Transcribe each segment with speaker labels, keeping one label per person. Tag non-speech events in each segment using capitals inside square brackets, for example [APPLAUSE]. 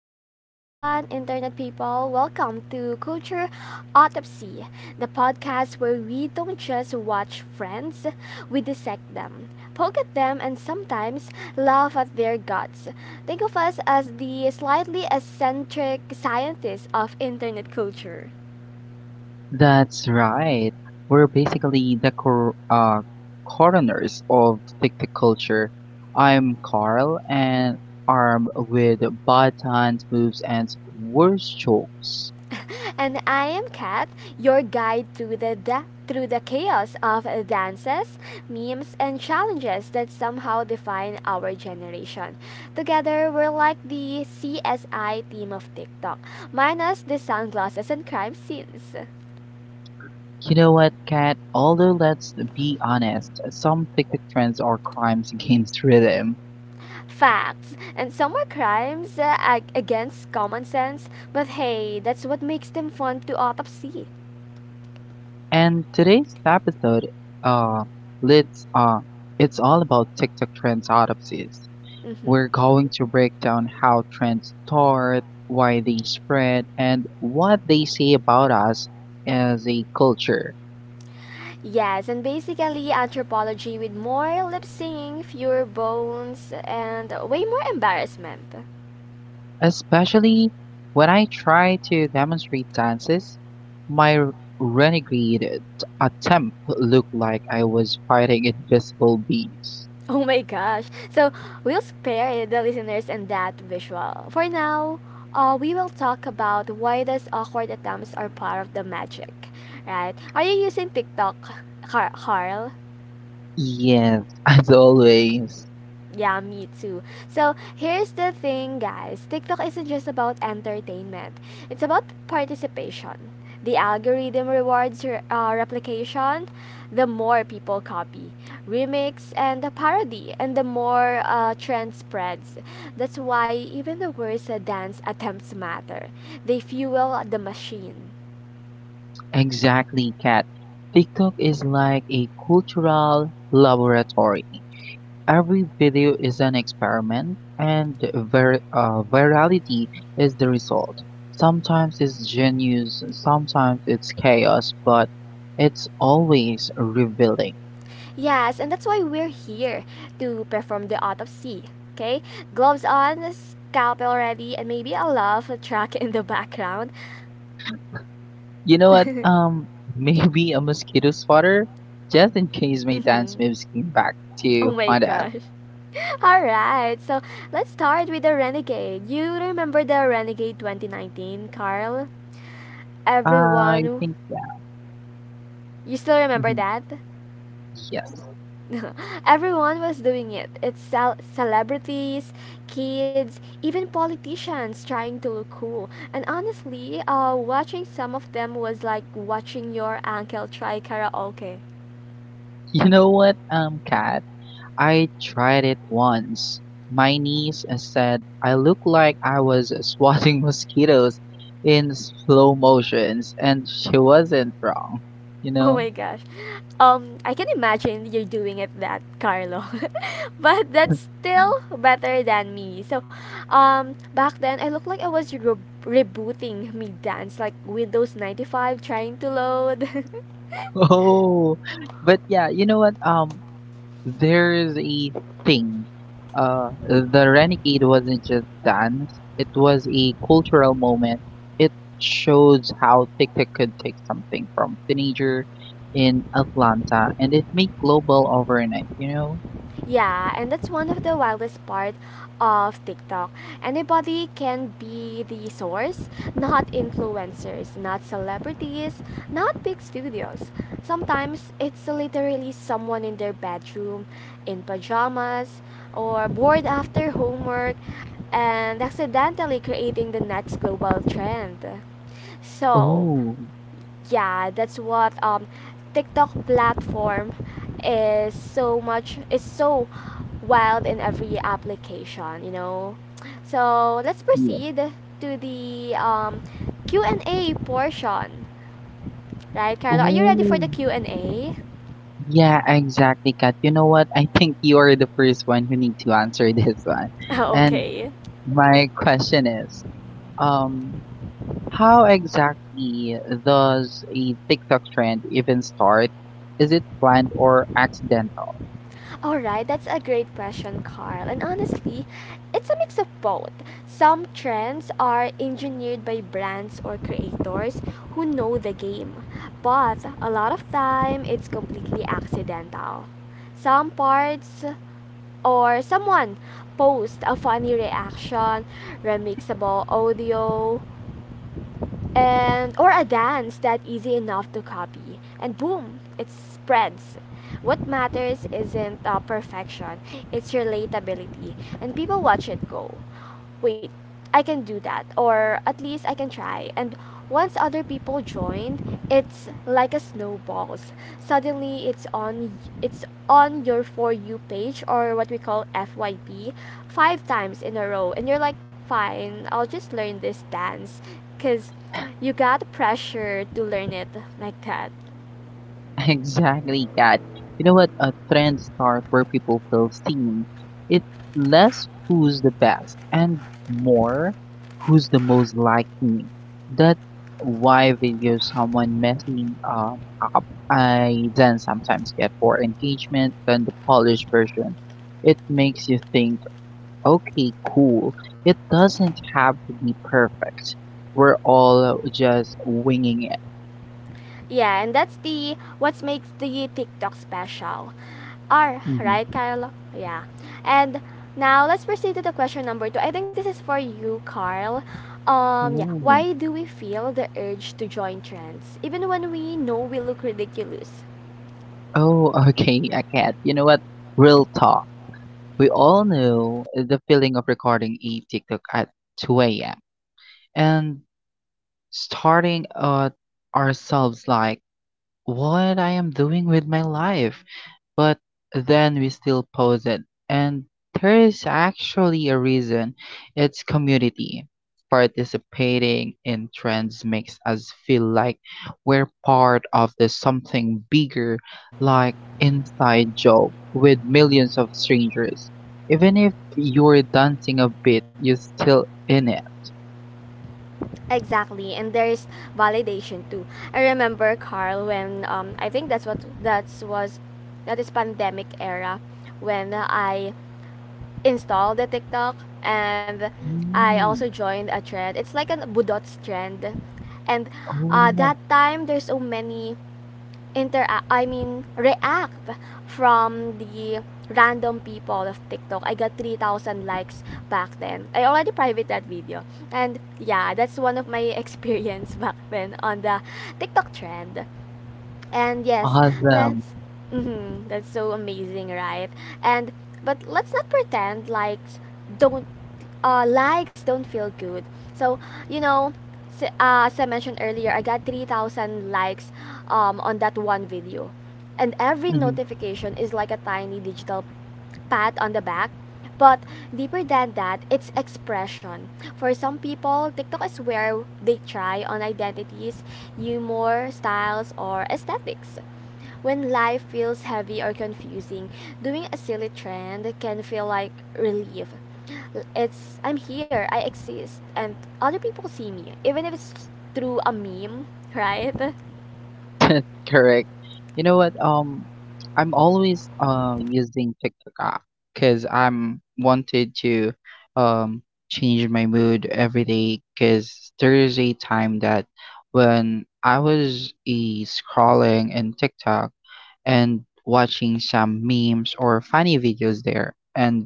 Speaker 1: Hey everyone, internet people, welcome to Culture Autopsy, the podcast where we don't just watch friends, we dissect them, poke at them, and sometimes laugh at their guts. Think of us as the slightly eccentric scientists of internet culture.
Speaker 2: That's right. We're basically the coroners of TikTok culture. I'm Carl, and armed with batons, moves, and worse jokes.
Speaker 1: [LAUGHS] And I am Kat, your guide through through the chaos of dances, memes, and challenges that somehow define our generation. Together, we're like the CSI team of TikTok, minus the sunglasses and crime scenes.
Speaker 2: You know what, Kat? Although let's be honest, some TikTok trends are crimes against rhythm.
Speaker 1: Facts, and some are crimes against common sense, but hey, that's what makes them fun to autopsy.
Speaker 2: And today's episode, uh, let's it's all about TikTok trends autopsies.
Speaker 1: Mhm.
Speaker 2: We're going to break down how trends start, why they spread, and what they say about us as a culture.
Speaker 1: Yes, and basically anthropology with more lip singing, fewer bones, and way more embarrassment. [LAUGHS]
Speaker 2: Especially when I try to demonstrate dances, my renegade attempt looked like I was fighting invisible bees.
Speaker 1: Oh my gosh. So we'll spare the listeners and that visual. For now, we will talk about why those awkward attempts are part of the magic, right? Are you using TikTok, Carl?
Speaker 2: Yes, [LAUGHS] as always.
Speaker 1: Yeah, me too. So here's the thing, guys, TikTok isn't just about entertainment, it's about participation. The algorithm rewards replication, the more people copy, remix, and the parody, and the more trend spreads. That's why even the worst dance attempts matter. They fuel the machine.
Speaker 2: Exactly, Kat. TikTok is like a cultural laboratory. Every video is an experiment, and virality is the result. Sometimes it's genius, sometimes it's chaos, but it's always revealing.
Speaker 1: Yes, and that's why we're here to perform the autopsy. Okay? Gloves on, scalpel ready, and maybe a love track in the background.
Speaker 2: You
Speaker 1: [LAUGHS]
Speaker 2: know what?
Speaker 1: hmm
Speaker 2: [LAUGHS] Maybe a mosquito spotter, just in case my dance moves came back
Speaker 1: Oh
Speaker 2: to
Speaker 1: my
Speaker 2: Honda.
Speaker 1: gosh. [LAUGHS] Alright, so let's start with the Renegade. You remember the Renegade 2019, Carl?
Speaker 2: I
Speaker 1: Everyone,
Speaker 2: think yeah.
Speaker 1: you still remember
Speaker 2: Mhm,
Speaker 1: that?
Speaker 2: yes.
Speaker 1: [LAUGHS] Everyone was doing it. It's celebrities, kids, even politicians trying to look cool. And honestly, watching some of them was like watching your uncle try karaoke. [LAUGHS]
Speaker 2: You know what? Kat, I tried it once. My niece said I looked like I was [LAUGHS] swatting mosquitoes in slow motions, and she wasn't wrong, you
Speaker 1: Oh
Speaker 2: know?
Speaker 1: my gosh. I can imagine you're doing it that, Carlo. [LAUGHS] But that's still better than me. So, back then I looked like I was rebooting me dance like Windows 95 trying to load. [LAUGHS]
Speaker 2: [LAUGHS] Oh, but yeah, you know what? There's a thing. The Renegade wasn't just dance, it was a cultural moment. It shows how TikTok could take something from teenager in Atlanta and it made global overnight, you know?
Speaker 1: Yeah, and that's one of the wildest part of TikTok. Anybody can be the source, not influencers, not celebrities, not big studios. Sometimes it's literally someone in their bedroom in pajamas or bored after homework and accidentally creating the next global trend. So,
Speaker 2: Oh,
Speaker 1: yeah, that's what TikTok platform is so wild in every application, you know? So let's
Speaker 2: yeah.
Speaker 1: proceed to the Q&A portion, right, Carlo? Are you ready for
Speaker 2: Oh,
Speaker 1: the Q&A?
Speaker 2: yeah, exactly, Kat. You know what? I think you are the first one who need to answer [LAUGHS] this one.
Speaker 1: [LAUGHS]
Speaker 2: And
Speaker 1: Okay.
Speaker 2: my question is, um, how exactly does a TikTok trend even start? Is it planned or accidental?
Speaker 1: All right, that's a great question, Carl. And honestly, it's a mix of both. Some trends are engineered by brands or creators who know the game, but a lot of time it's completely accidental. Some parts or someone post a funny reaction, remixable audio, and or a dance that easy enough to copy and boom, it spreads. What matters isn't perfection, it's relatability, and people watch it go, wait, I can do that, or at least I can try. And once other people join, it's like a snowballs. Suddenly, it's on your for you page, or what we call FYP, five times in a row, and you're like, fine, I'll just learn this dance, cause you got pressure to learn it like that.
Speaker 2: [LAUGHS] Exactly, Kat. You know what? A trend start where people feel seen. It's less who's the best and more who's the most like me. That's why video someone messing up I then sometimes get more engagement than the polished version. It makes you think, okay, cool. It doesn't have to be perfect. We're all just winging it.
Speaker 1: Yeah, and that's the what makes the TikTok special. Are right, Kyle? Yeah. And now let's proceed to the question number 2. I think this is for you, Carl. Yeah.
Speaker 2: Mhm.
Speaker 1: Why do we feel the urge to join trends, even when we know we look ridiculous?
Speaker 2: Oh, [LAUGHS] okay, I get. You know what? Real talk. We all know the feeling of recording a TikTok at 2 a.m. and starting at ourselves like, what I am doing with my life. But then we still post it, and there is actually a reason. It's community. Participating in trends makes us feel like we're part of the something bigger, like inside joke with millions of strangers. Even if you're dancing a bit, you're still in it.
Speaker 1: Exactly, and there's validation too. I remember, Carl, when I think that's what that's was that is pandemic era when I install the TikTok, and I also
Speaker 2: Mm.
Speaker 1: joined a trend. It's like a Budots trend. And
Speaker 2: Oh,
Speaker 1: that time there's so many inter I mean react from the random people of TikTok. I got 3,000 likes back then. I already private that video. And yeah, that's one of my experience [LAUGHS] back then on the TikTok trend. And yes,
Speaker 2: awesome.
Speaker 1: let's. Hmm, that's so amazing, right? And but let's not pretend don't likes don't feel good. So, you know, as I mentioned earlier, I got 3,000 likes on that one video, and every notification is like a tiny digital pat on the back. But deeper than that, it's expression. For some people, TikTok is where they try on identities, humor, styles, or aesthetics. When life feels heavy or confusing, doing a silly trend can feel like relief. It's I'm here, I exist, and other people see me, even if it's through a meme, right? [LAUGHS]
Speaker 2: [LAUGHS] Correct. You know what? I'm always using TikTok app because I'm wanted to um change my mood every day. Because there is a time that when I was scrolling in TikTok and watching some memes or funny videos there, and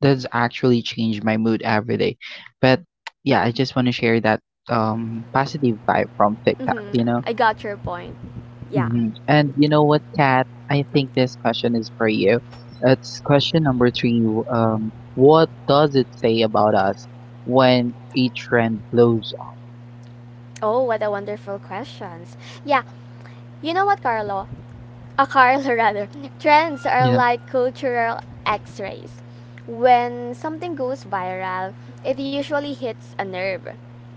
Speaker 2: that's actually changed my mood every day. But yeah, I just want to share that positive vibe from TikTok,
Speaker 1: hmm
Speaker 2: you know.
Speaker 1: I got your point. Yeah.
Speaker 2: Mhm. And you know what, Kat? I think this question is for you. It's question number three. What does it say about us when a trend blows up?
Speaker 1: Oh, what a wonderful questions. Yeah, you know what, Carlo? A Carlo, [LAUGHS] rather. Trends are
Speaker 2: Yeah,
Speaker 1: like cultural x rays. When something goes viral, it usually hits a nerve,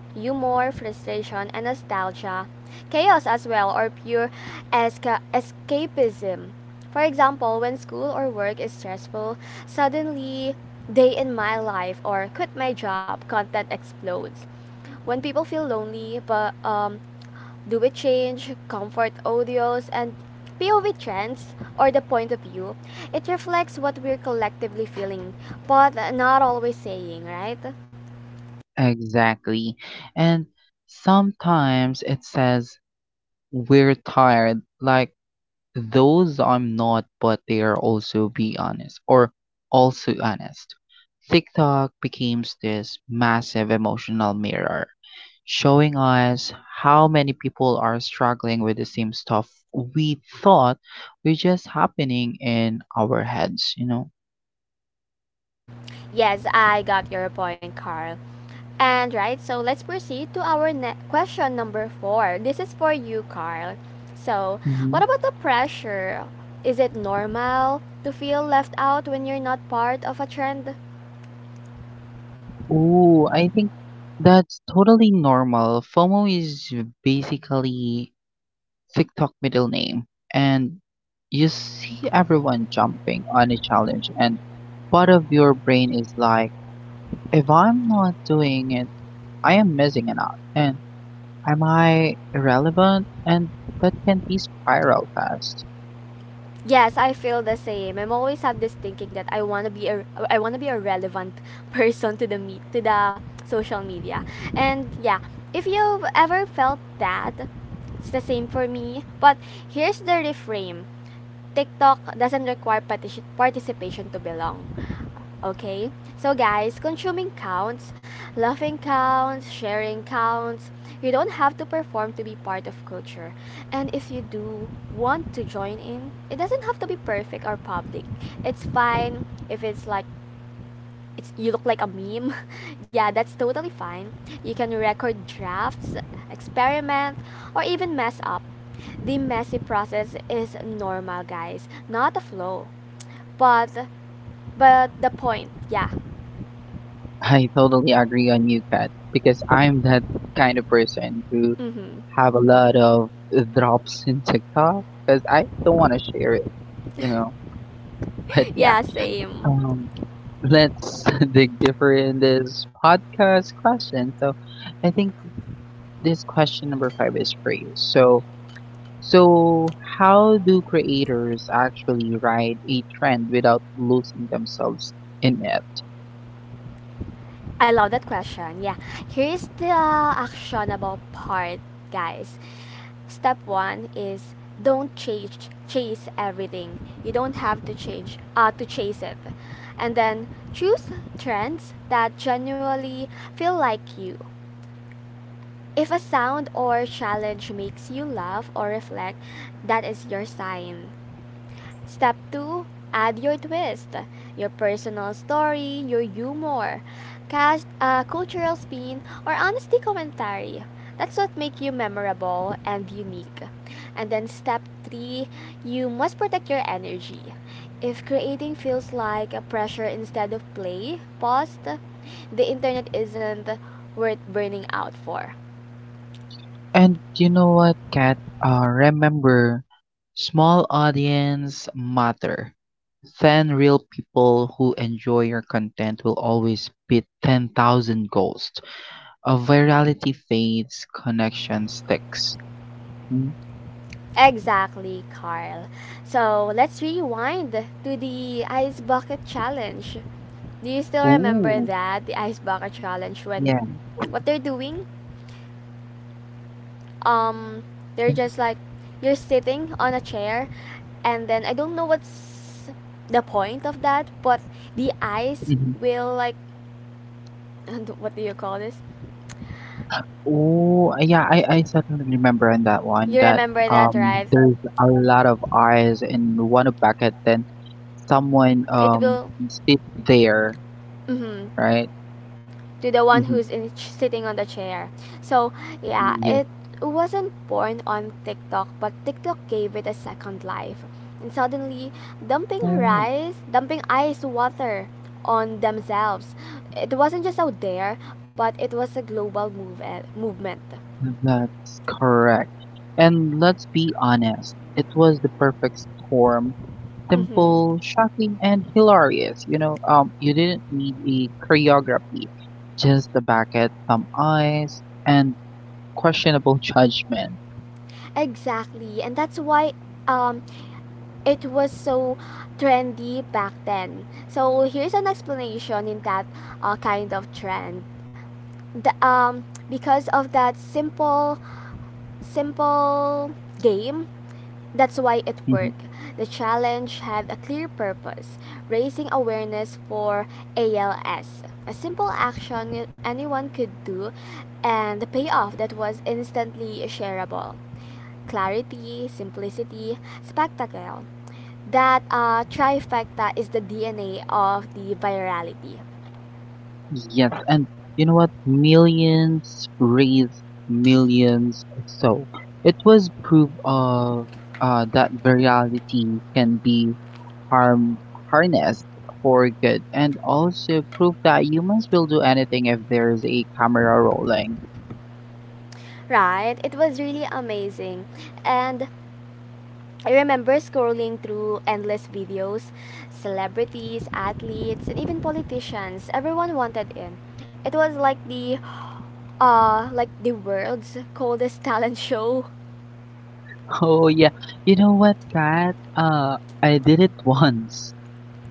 Speaker 1: humor, frustration, and nostalgia, chaos as well, or pure escapism. For example, when school or work is stressful, suddenly day in my life or quit my job content explodes. When people feel lonely, but do it change, comfort audios, and POV trends, or the point of view, it reflects what we're collectively feeling, but not always saying, right?
Speaker 2: exactly. And sometimes it says we're tired, like those I'm not, but they are also be honest or also honest. TikTok becomes this massive emotional mirror, showing us how many people are struggling with the same stuff we thought were just happening in our heads, you know?
Speaker 1: Yes, I got your point, Carl. And right, so let's proceed to our question number 4. This is for you, Carl. So,
Speaker 2: Hmm.
Speaker 1: what about the pressure? Is it normal to feel left out when you're not part of a trend?
Speaker 2: Oh, I think that's totally normal. FOMO is basically TikTok middle name, and you see everyone jumping on a challenge, and part of your brain is like, if I'm not doing it, I am missing it out, and am I irrelevant? And that can be spiral fast.
Speaker 1: Yes, I feel the same. I'm always have this thinking that I wanna be a relevant [LAUGHS] person to the me to the social media. And yeah, if you've ever felt that, it's the same for me. But here's the reframe. TikTok doesn't require participation to belong. Okay? So, guys, consuming counts, laughing counts, sharing counts. You don't have to perform to be part of culture. And if you do want to join in, it doesn't have to be perfect or public. It's fine if you look like a meme. [LAUGHS] Yeah, that's totally fine. You can record drafts, experiment, or even mess up. The messy process is normal, guys, not a flow. But but the point, yeah.
Speaker 2: [LAUGHS] I totally agree on you, Kat, because I'm that kind of person who
Speaker 1: Mm-hmm.
Speaker 2: have a lot of drops in TikTok because I don't want to share it, you know. But
Speaker 1: [LAUGHS]
Speaker 2: yeah,
Speaker 1: Yeah, same.
Speaker 2: um, let's [LAUGHS] dig deeper in this podcast question. So, I think this question number five is for you. So, so how do creators actually ride a trend without losing themselves in it?
Speaker 1: I love that question. Yeah. Here's the actionable part, guys. Step one is don't chase everything. You don't have to change to chase it, and then choose trends that genuinely feel like you. If a sound or challenge makes you laugh or reflect, that is your sign. Step 2, add your twist, your personal story, your humor, cash, cultural spin, or honesty commentary. That's what makes you memorable and unique. And then step 3, you must protect your energy. If creating feels like a pressure instead of play, pause. The internet isn't worth burning out for.
Speaker 2: And you know what, Kat? Remember, small audience matter. Ten real people who enjoy your content will always beat 10,000 ghosts. A virality fades, connection sticks.
Speaker 1: Exactly, Carl. So let's rewind to the ice bucket challenge. Do you still remember
Speaker 2: Ooh,
Speaker 1: that, the ice bucket challenge, when
Speaker 2: yeah.
Speaker 1: what they're doing? Um, they're just like you're sitting on a chair, and then I don't know what's the point of that, but the ice
Speaker 2: Mhm.
Speaker 1: will like, [LAUGHS] what do you call this?
Speaker 2: Ooh, yeah, I certainly remember on that one
Speaker 1: You
Speaker 2: that
Speaker 1: remember that, right?
Speaker 2: there's a lot of eyes in one bucket, then someone
Speaker 1: It will.
Speaker 2: sits there,
Speaker 1: Mhm,
Speaker 2: right?
Speaker 1: to the one
Speaker 2: Mm-hmm.
Speaker 1: who's in sitting on the chair. So yeah,
Speaker 2: Yes.
Speaker 1: it wasn't born on TikTok, but TikTok gave it a second life. And suddenly, dumping
Speaker 2: Oh,
Speaker 1: rice, dumping ice water on themselves. It wasn't just out there, but it was a global movement.
Speaker 2: that's correct. And let's be honest, it was the perfect storm.
Speaker 1: Hmm
Speaker 2: Simple, shocking, and hilarious. You know, you didn't need a choreography, just a bucket, some eyes, and questionable judgment.
Speaker 1: Exactly, and that's why um, it was so trendy back then. So here's an explanation in that kind of trend. Because of that simple game, that's why it
Speaker 2: Mhm.
Speaker 1: worked. The challenge had a clear purpose, raising awareness for ALS, a simple action anyone could do, and the payoff that was instantly shareable. Clarity, simplicity, spectacle, that trifecta is the DNA of the virality.
Speaker 2: Yes, and you know what? Millions raise millions. So it was proof of that virality can be harm harnessed for good, and also proof that humans will do anything if there's a camera rolling.
Speaker 1: Right, it was really amazing. And I remember scrolling through endless videos, celebrities, athletes, and even politicians. Everyone wanted in. It was like the world's coldest [LAUGHS] talent show.
Speaker 2: [LAUGHS] Oh yeah, you know what, Kat? I did it [LAUGHS] once.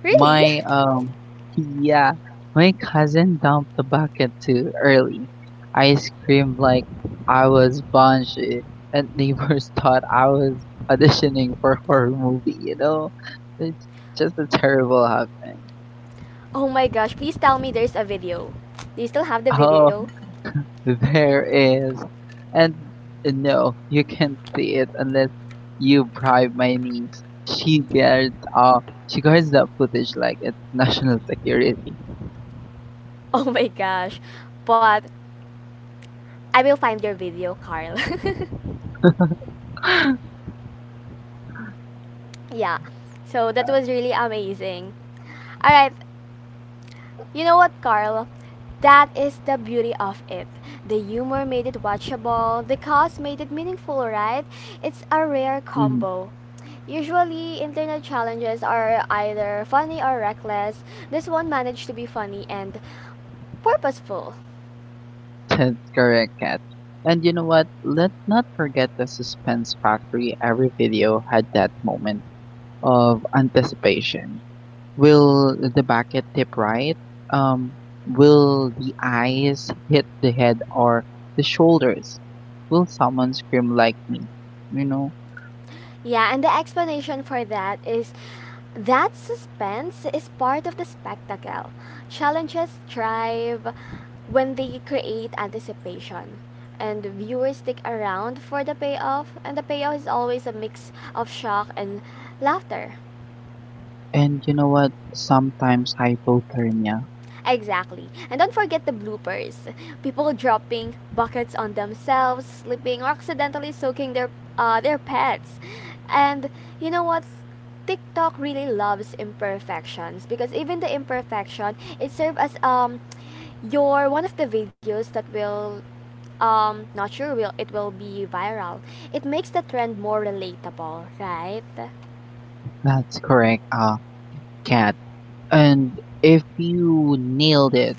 Speaker 1: Really?
Speaker 2: My yeah, my cousin dumped the bucket too early. I screamed like I was Banshee, and neighbors [LAUGHS] thought I was auditioning for a horror movie. You know, it's just a terrible happening.
Speaker 1: Oh my gosh, please tell me there's a video. Do you still have the
Speaker 2: Oh,
Speaker 1: video? [LAUGHS]
Speaker 2: there is, and no, you can't see it unless you bribe my niece. She guards uh she guards that footage like it's national security. [GASPS]
Speaker 1: Oh my gosh. But I will find your video, Carl.
Speaker 2: [LAUGHS]
Speaker 1: [LAUGHS] Yeah. So that was really amazing. All right, you know what, Carl? That is the beauty of it. The humor made it watchable, the cause made it meaningful, right? It's a rare
Speaker 2: Mhm.
Speaker 1: combo. Usually, internet challenges are either funny or reckless. This one managed to be funny and purposeful.
Speaker 2: That's correct, Kat. And you know what? Let's not forget the suspense factory. Every video had that moment of anticipation. Will the bucket tip right? Um, will the eyes hit the head or the shoulders? Will someone scream like me? You know?
Speaker 1: Yeah, and the explanation for that is that suspense is part of the spectacle. Challenges thrive when they create anticipation. And viewers stick around for the payoff, and the payoff is always a mix of shock and laughter.
Speaker 2: And you know what? Sometimes hypothermia.
Speaker 1: Exactly. And don't forget the bloopers. People dropping buckets on themselves, slipping, or accidentally soaking their pets. And you know what? TikTok really loves imperfections, because even the imperfection it serves as your one of the videos that will not sure will it will be viral. It makes the trend more relatable, right?
Speaker 2: That's correct, Kat. And if you nailed it,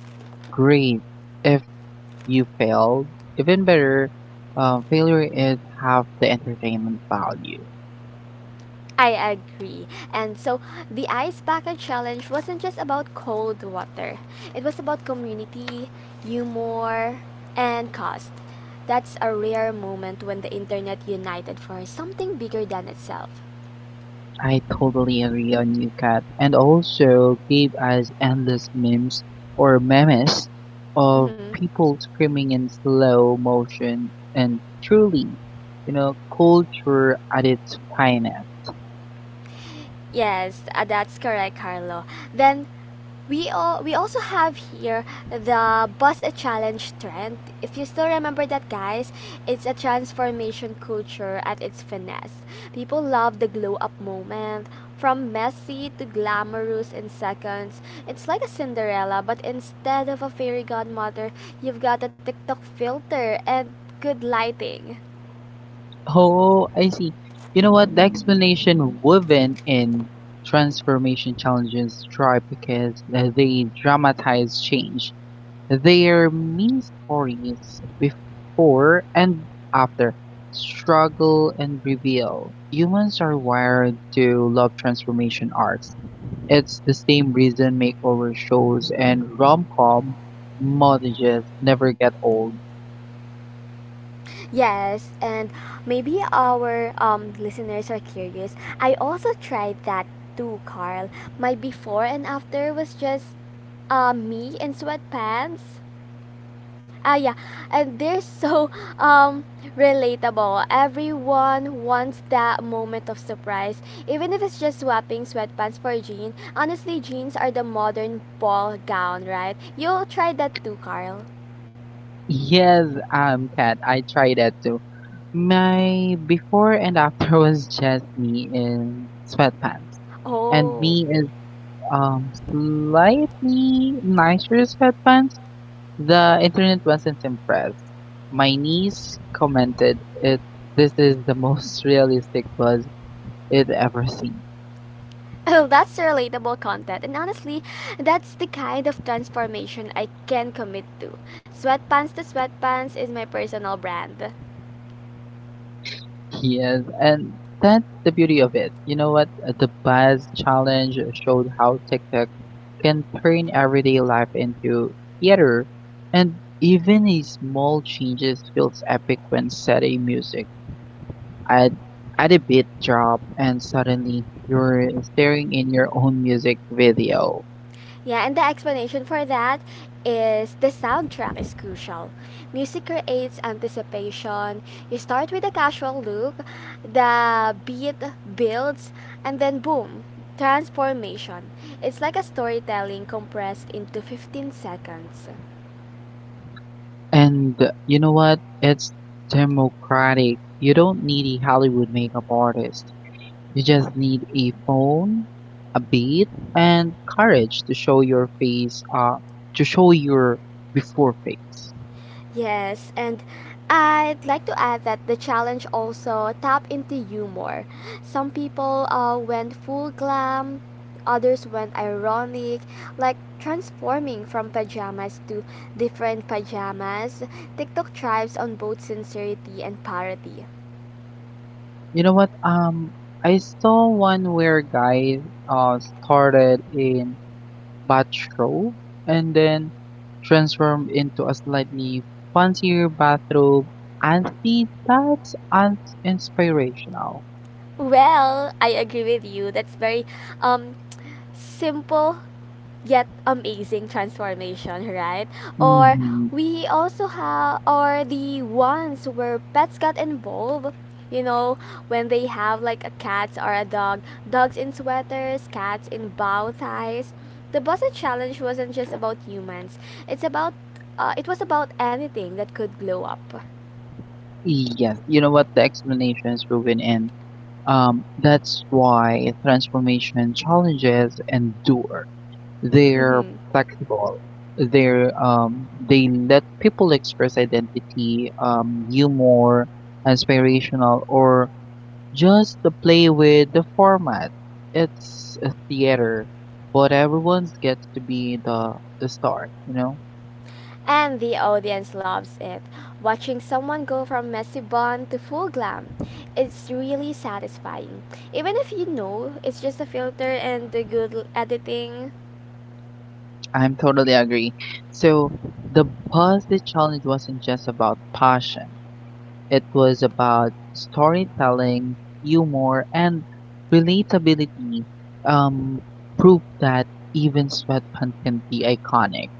Speaker 2: great. If you failed. Even better, failure is half the entertainment value.
Speaker 1: I agree. And so the ice bucket challenge wasn't just about cold water. It was about community, humor, and cost. That's a rare moment when the internet united for something bigger than itself.
Speaker 2: I totally agree on you, Kat, and also gave us endless memes of
Speaker 1: Mhm.
Speaker 2: people screaming in slow motion and truly, you know, culture at its finest.
Speaker 1: Yes, that's correct, Carlo. Then We also have here the Boss a Challenge trend. If you still remember that, guys, it's a transformation culture at its finest. People love the glow up moment. From messy to glamorous in seconds. It's like a Cinderella, but instead of a fairy godmother, you've got a TikTok filter and good lighting.
Speaker 2: Oh, I see. You know what? The explanation woven in transformation challenges strive because they dramatize change. Their mini-stories "Before and After", "Struggle" and "Reveal", "Humans Are Wired to Love Transformation" arcs, it's the same reason makeover shows and rom-com montages never get old.
Speaker 1: Yes, and maybe our listeners are curious. I also tried that too, Carl. My before and after was just me in sweatpants. Ah, yeah, and they're [LAUGHS] so um, relatable. Everyone wants that moment of surprise, even if it's just swapping sweatpants for jeans. Honestly, jeans are the modern ball gown, right? You'll try that too, Carl.
Speaker 2: Yes, Kat, I tried that too. My before and after [LAUGHS] was just me in sweatpants, and
Speaker 1: Oh.
Speaker 2: me is slightly nicer sweatpants. The internet wasn't impressed. My niece commented it this is the most realistic buzz it ever seen.
Speaker 1: Oh, that's relatable content. And honestly, that's the kind of transformation I can commit to. Sweatpants to sweatpants is my personal brand.
Speaker 2: Yes, and that's the beauty of it. You know what? The buzz challenge showed how TikTok can turn everyday life into theater and even a small changes feels epic when setting music. Add Add a beat drop and suddenly you're staring in your own music video.
Speaker 1: Yeah, and the explanation for that is the soundtrack is crucial. Music creates anticipation. You start with a casual look, the beat builds, and then boom, transformation. It's like a storytelling compressed into 15 seconds.
Speaker 2: And you know what? It's democratic. You don't need a Hollywood makeup artist. You just need a phone, a beat, and courage to show your face, to show your before face.
Speaker 1: Yes, and I'd like to add that the challenge also tap into humor. Some people went full glam, others went ironic, like transforming from pajamas to different pajamas. TikTok thrives on both sincerity and parody.
Speaker 2: You know what? I saw one where a guy started in bathrobe and then transformed into a slightly fancier bathrobe and see that's inspirational.
Speaker 1: Well, I agree with you. That's very um simple yet amazing transformation, right? Or
Speaker 2: Mhm.
Speaker 1: we also have, or the ones where pets got involved. You know, when they have like a cat or a dog, dogs in sweaters, cats in bow ties. The Busted Challenge wasn't just about humans. It's about, it was about anything that could glow up.
Speaker 2: Yes, you know what? The explanation is woven in. That's why transformation challenges endure. They're
Speaker 1: Mm-hmm.
Speaker 2: flexible. They let people express identity, humor, aspirational, or just to play with the format. It's a theater, but everyone gets to be the star, you know?
Speaker 1: And the audience loves it. Watching someone go from messy bun to full glam, it's really satisfying. Even if you know it's just a filter and the editing.
Speaker 2: I'm totally agree. So the Buzzfeed challenge wasn't just about passion. It was about storytelling, humor, and relatability. Um, proof that even sweatpants can be iconic.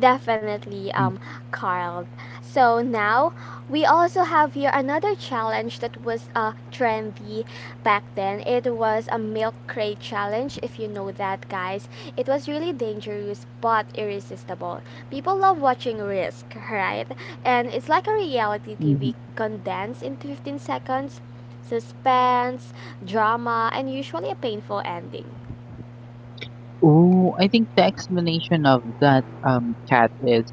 Speaker 1: Definitely, Carl. So now we also have here another challenge that was trendy back then. It was a milk crate challenge, if you know that, guys. It was really dangerous but irresistible. People love watching Risk, right? And it's like a reality
Speaker 2: Mhm.
Speaker 1: TV condensed into 15 seconds: suspense, drama, and usually a painful ending.
Speaker 2: Ooh, I think the explanation of that cat is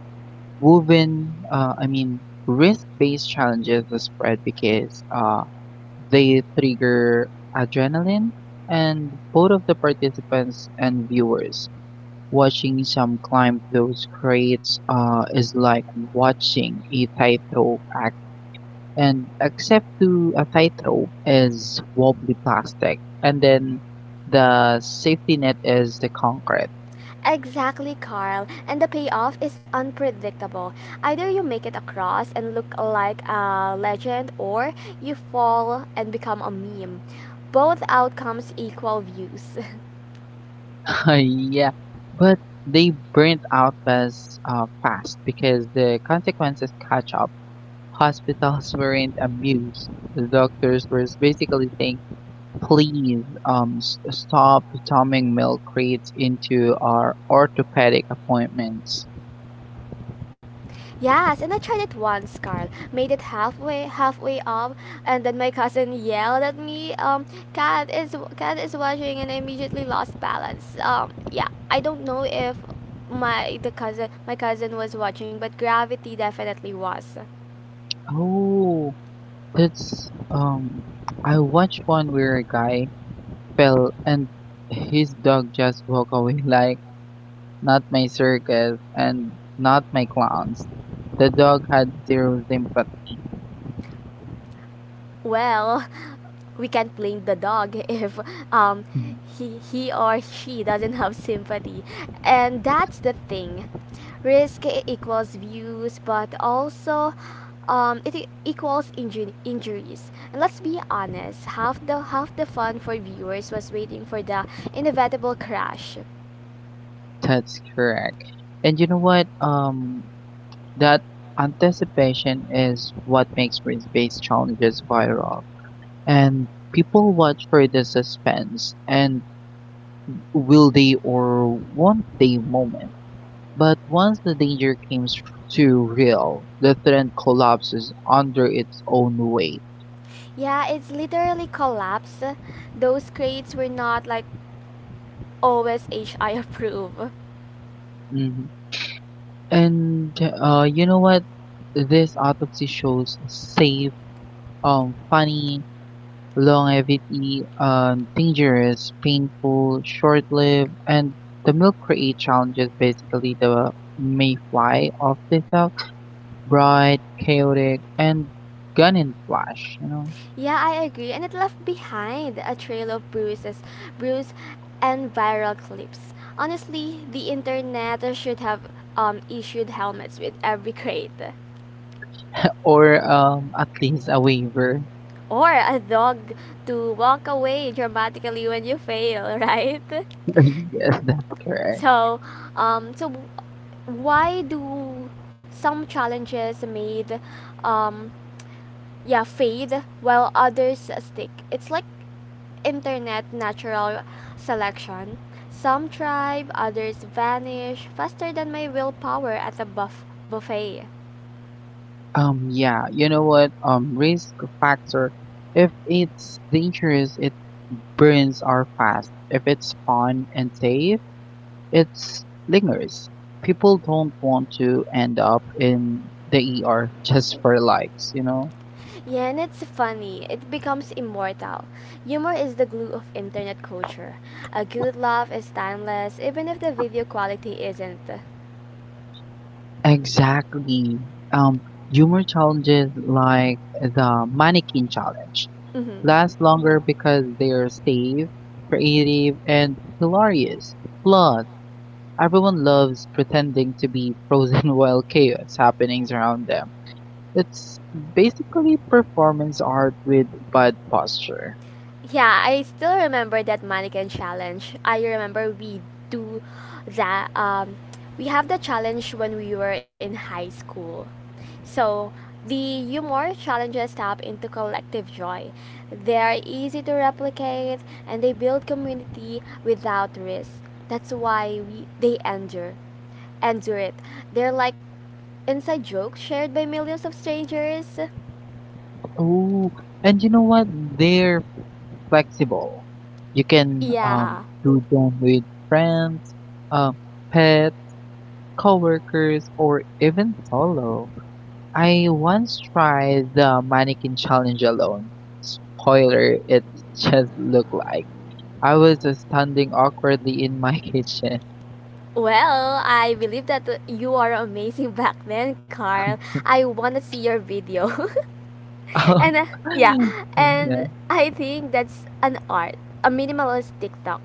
Speaker 2: woven. Risk-based challenges are spread because they trigger adrenaline, and both of the participants and viewers. Watching some climb those crates is like watching a tightrope act, and except to a tightrope is wobbly plastic, and then the safety net is the concrete.
Speaker 1: Exactly, Carl. And the payoff is unpredictable. Either you make it across and look like a legend, or you fall and become a meme. Both outcomes equal views.
Speaker 2: [LAUGHS] yeah, but they burnt out as fast because the consequences catch up. Hospitals weren't amused. The doctors were basically saying, please stop dumping milk crates into our orthopedic appointments.
Speaker 1: [LAUGHS] Yes, and I tried it once, Carl. Made it halfway up, and then my cousin yelled at me, cat is watching," and I immediately lost balance. Yeah, I don't know if my cousin was watching, but gravity definitely was.
Speaker 2: Oh, that's. I watched one where a guy fell and his dog just walked away [LAUGHS] like, not my circus and not my clowns. The dog had zero sympathy.
Speaker 1: Well, we can't blame the dog [LAUGHS] if um,
Speaker 2: [LAUGHS]
Speaker 1: he or she doesn't have sympathy. And that's the thing. Risk equals views, but also equals injuries. And let's be honest, half the fun for viewers was waiting for the inevitable crash.
Speaker 2: That's correct. And you know what? That anticipation is what makes risk-based challenges viral. And people watch for the suspense and will they or won't they moment. But once the danger comes too real, the trend collapses under its own weight.
Speaker 1: Yeah, it's literally collapse. Those crates were not like always HI [LAUGHS] approve.
Speaker 2: Mhm. And you know what? This autopsy shows safe, funny, longevity, dangerous, painful, short-lived, and the milk create challenges. Basically, the mayfly of the silk, bright, chaotic, and gun and flash, you know,
Speaker 1: Yeah, I agree. And it left behind a trail of bruise, and viral clips. Honestly, the internet should have issued helmets with every crate.
Speaker 2: or [LAUGHS] at least a waiver.
Speaker 1: Or a dog to walk away dramatically when you fail, [LAUGHS] right?
Speaker 2: [LAUGHS] yes, that's correct.
Speaker 1: So, so why do some challenges made um yeah fade while others stick? It's like internet natural selection. Some thrive, others vanish faster than my willpower at a buff buffet.
Speaker 2: Yeah, you know what? Risk factor. If it's dangerous, it burns are fast. If it's fun and safe it lingers. People don't want to end up in the ER [LAUGHS] just for likes, you know?
Speaker 1: Yeah, and it's funny. It becomes immortal. Humor is the glue of internet culture. A good laugh is timeless, even if the video quality isn't.
Speaker 2: Exactly. Um, humor challenges like the mannequin challenge
Speaker 1: Mhm.
Speaker 2: last longer because they're safe, creative, and hilarious. Plus, everyone loves pretending to be frozen [LAUGHS] while chaos happenings around them. It's basically performance art with bad posture.
Speaker 1: Yeah, I still remember that mannequin challenge. I remember we do that. We have the challenge when we were in high school. So the humor challenges tap into collective joy. They are easy to replicate and they build community without risk. That's why we they endure endure it. They're like inside jokes shared by millions of strangers.
Speaker 2: Oh, and you know what? They're flexible. You can
Speaker 1: Yeah.
Speaker 2: do them with friends, uh, pets, coworkers, or even solo. I once tried the mannequin challenge alone. Spoiler, it [LAUGHS] just looked like I was just standing awkwardly in my [LAUGHS] kitchen.
Speaker 1: Well, I believe that you are amazing [LAUGHS] back then, Carl. I want to see your video. [LAUGHS] And
Speaker 2: [LAUGHS]
Speaker 1: yeah, and
Speaker 2: Yeah.
Speaker 1: I think that's an art, a minimalist TikTok.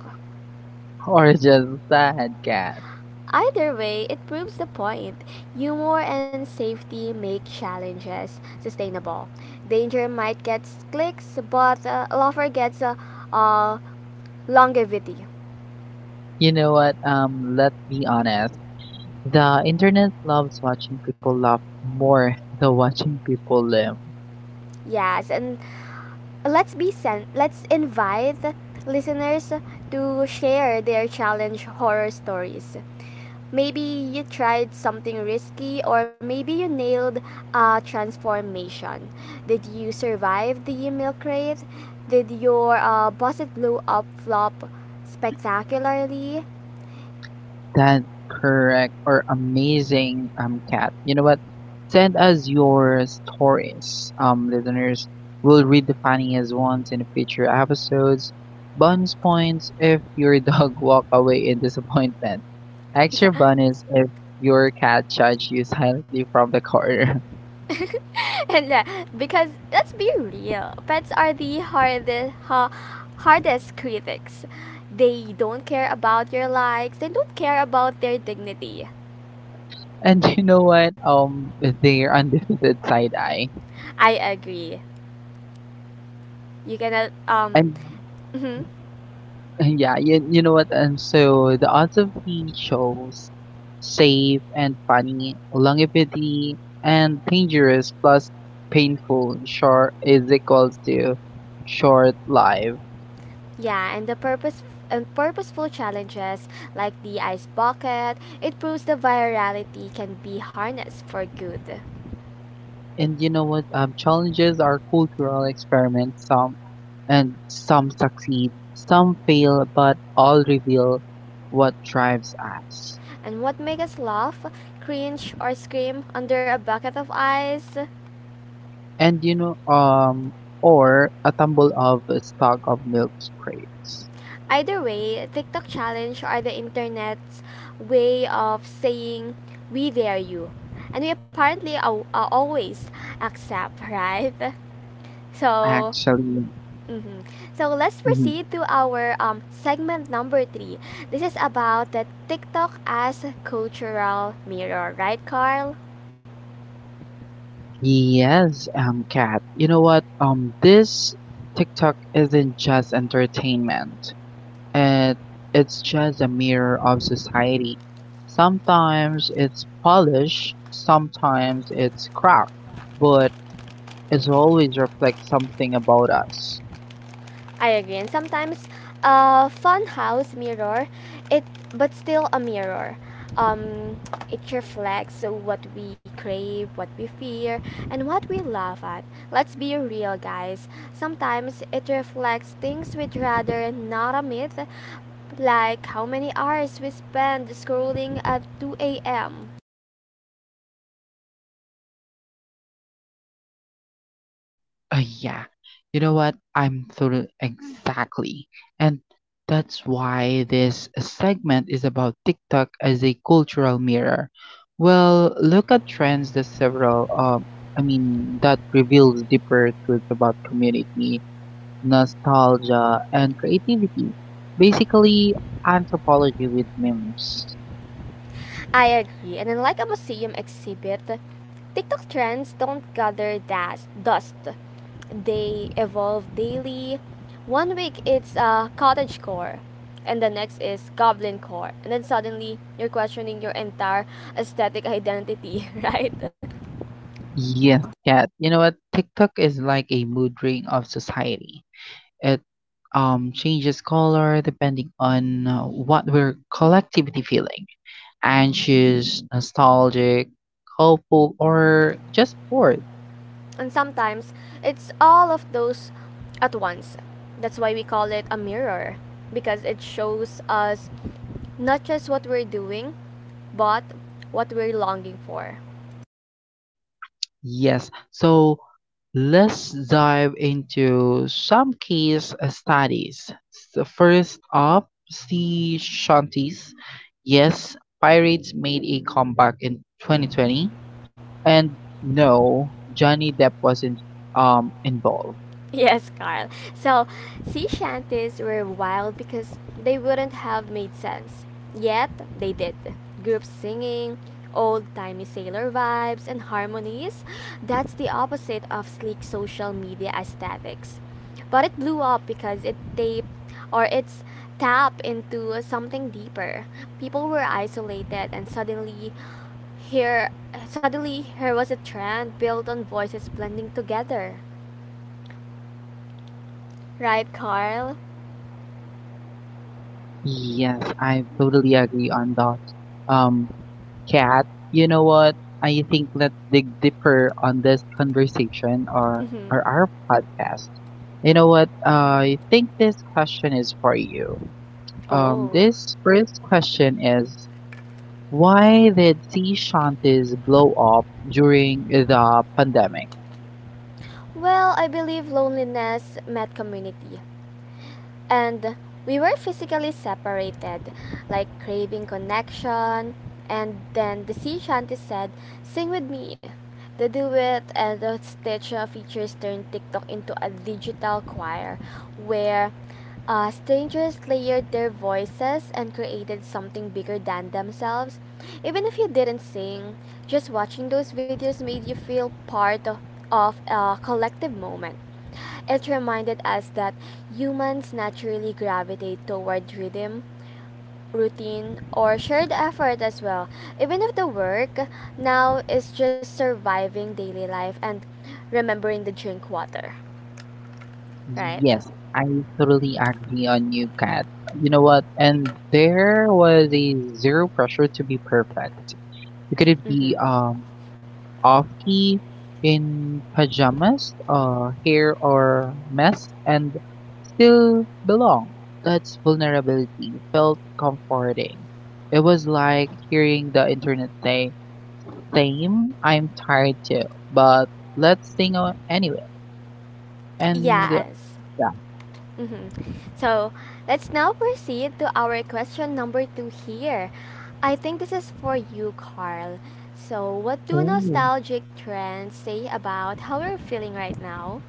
Speaker 2: Or just sad cat.
Speaker 1: Either way, it proves the point. Humor and safety make challenges sustainable. Danger might get clicks, but laughter gets uh, longevity.
Speaker 2: You know what? Let's be honest. The internet loves watching people laugh more [LAUGHS] than watching people live.
Speaker 1: Yes, and let's be sent let's invite listeners to share their challenge horror stories. Maybe you tried something risky, or maybe you nailed a transformation. Did you survive the milk crate? Did your busted blew up flop spectacularly?
Speaker 2: That's correct or amazing cat. You know what? Send us your stories, listeners. We'll read the funniest ones in future episodes. Bonus points if your [LAUGHS] dog walk away in disappointment.
Speaker 1: [LAUGHS]
Speaker 2: Extra
Speaker 1: Yeah.
Speaker 2: bonus if your cat judged you silently from the corner. [LAUGHS]
Speaker 1: [LAUGHS] And yeah, because let's be real, pets are the hardest critics. They don't care about your likes. They don't care about their dignity.
Speaker 2: And you know what? Their undefeated side eye.
Speaker 1: I agree. You cannot
Speaker 2: And
Speaker 1: [LAUGHS] mhm.
Speaker 2: [LAUGHS] yeah, you know what? And so the odds of the shows safe and funny, longevity and dangerous plus painful short is equals to short live.
Speaker 1: Yeah, and the purpose and purposeful challenges like the ice bucket, it proves the virality can be harnessed for good.
Speaker 2: And you know what? Challenges are cultural experiments. Some succeed, some fail, but all reveal what drives us.
Speaker 1: And what makes us laugh, cringe, or scream under a bucket of ice?
Speaker 2: And you know, or a tumble of a stock of milk crates.
Speaker 1: Either way, TikTok challenge are the internet's way of saying we dare you. And we apparently always accept, [LAUGHS] right? So,
Speaker 2: Actually.
Speaker 1: mhm. So let's
Speaker 2: Mhm.
Speaker 1: proceed to our segment number three. This is about the TikTok as cultural mirror, right, Carl?
Speaker 2: Yes, Kat. You know what? This TikTok isn't just entertainment. It it's just a mirror of society. Sometimes it's polished, sometimes it's cracked, but it always reflects something about us.
Speaker 1: I agree. And sometimes a fun house mirror, it but still a mirror. Um, it reflects what we crave, what we fear, and what we laugh at. Let's be real, guys. Sometimes it reflects things we'd rather not admit, like how many hours we spend scrolling at 2 a.m.
Speaker 2: Uh, yeah, you know what? I'm totally exactly. And that's why this segment is about TikTok as a cultural mirror. Well, look at trends that that reveals deeper truths about community, nostalgia, and creativity. Basically, anthropology with memes.
Speaker 1: I agree. And unlike a museum exhibit, TikTok trends don't gather dust. They evolve daily. One week it's cottage core, and the next is goblin core. And then suddenly you're questioning your entire aesthetic identity, [LAUGHS] right?
Speaker 2: Yes, cat. You know what? TikTok is like a mood ring of society. It changes color depending on what we're collectively feeling anxious, nostalgic, hopeful, or just bored.
Speaker 1: And sometimes it's all of those at once. That's why we call it a mirror, because it shows us not just what we're doing, but what we're longing for.
Speaker 2: Yes, so let's dive into some case studies. So first up, sea shanties. Yes, pirates made a comeback in 2020, and no, Johnny Depp wasn't involved.
Speaker 1: Yes, Carl. So, sea shanties were wild because they wouldn't have made sense. Yet, they did. Group singing, old timey sailor vibes, and harmonies — that's the opposite of sleek social media aesthetics. But it blew up because it taped or it's tap into something deeper. People were isolated and here suddenly here was a trend built on voices blending together. Right, Carl?
Speaker 2: Yes, I totally agree on that. Um, Kat, you know what? I think let's dig deeper on this conversation or,
Speaker 1: Mm-hmm.
Speaker 2: or our podcast. You know what? I think this question is for you. Um,
Speaker 1: Oh.
Speaker 2: this first question is why did sea shanties blow up during the pandemic?
Speaker 1: Well, I believe loneliness met community. And we were physically separated, like craving connection. And then the sea shanty said, "Sing with me." The duet and the stitch features turned TikTok into a digital choir where strangers layered their voices and created something bigger than themselves. Even if you didn't sing, just watching those videos made you feel part of a collective moment. It reminded us that humans naturally gravitate toward rhythm, routine, or shared effort as well. Even if the work now is just surviving daily life and remembering to drink water, right?
Speaker 2: Yes, I totally agree on you, Kat. You know what? And there was a zero pressure to be perfect. Could it be
Speaker 1: Mm-hmm.
Speaker 2: off key, in pajamas, hair or mess, and still belong? That's vulnerability. Felt comforting. It was like hearing the internet say, "Same, I'm tired too, but anyway." And
Speaker 1: Yes.
Speaker 2: yeah.
Speaker 1: Mm-hmm. So let's now proceed to our question number two here. I think this is for you, Carl. So, what do
Speaker 2: Ooh.
Speaker 1: nostalgic trends say about how we're feeling right now?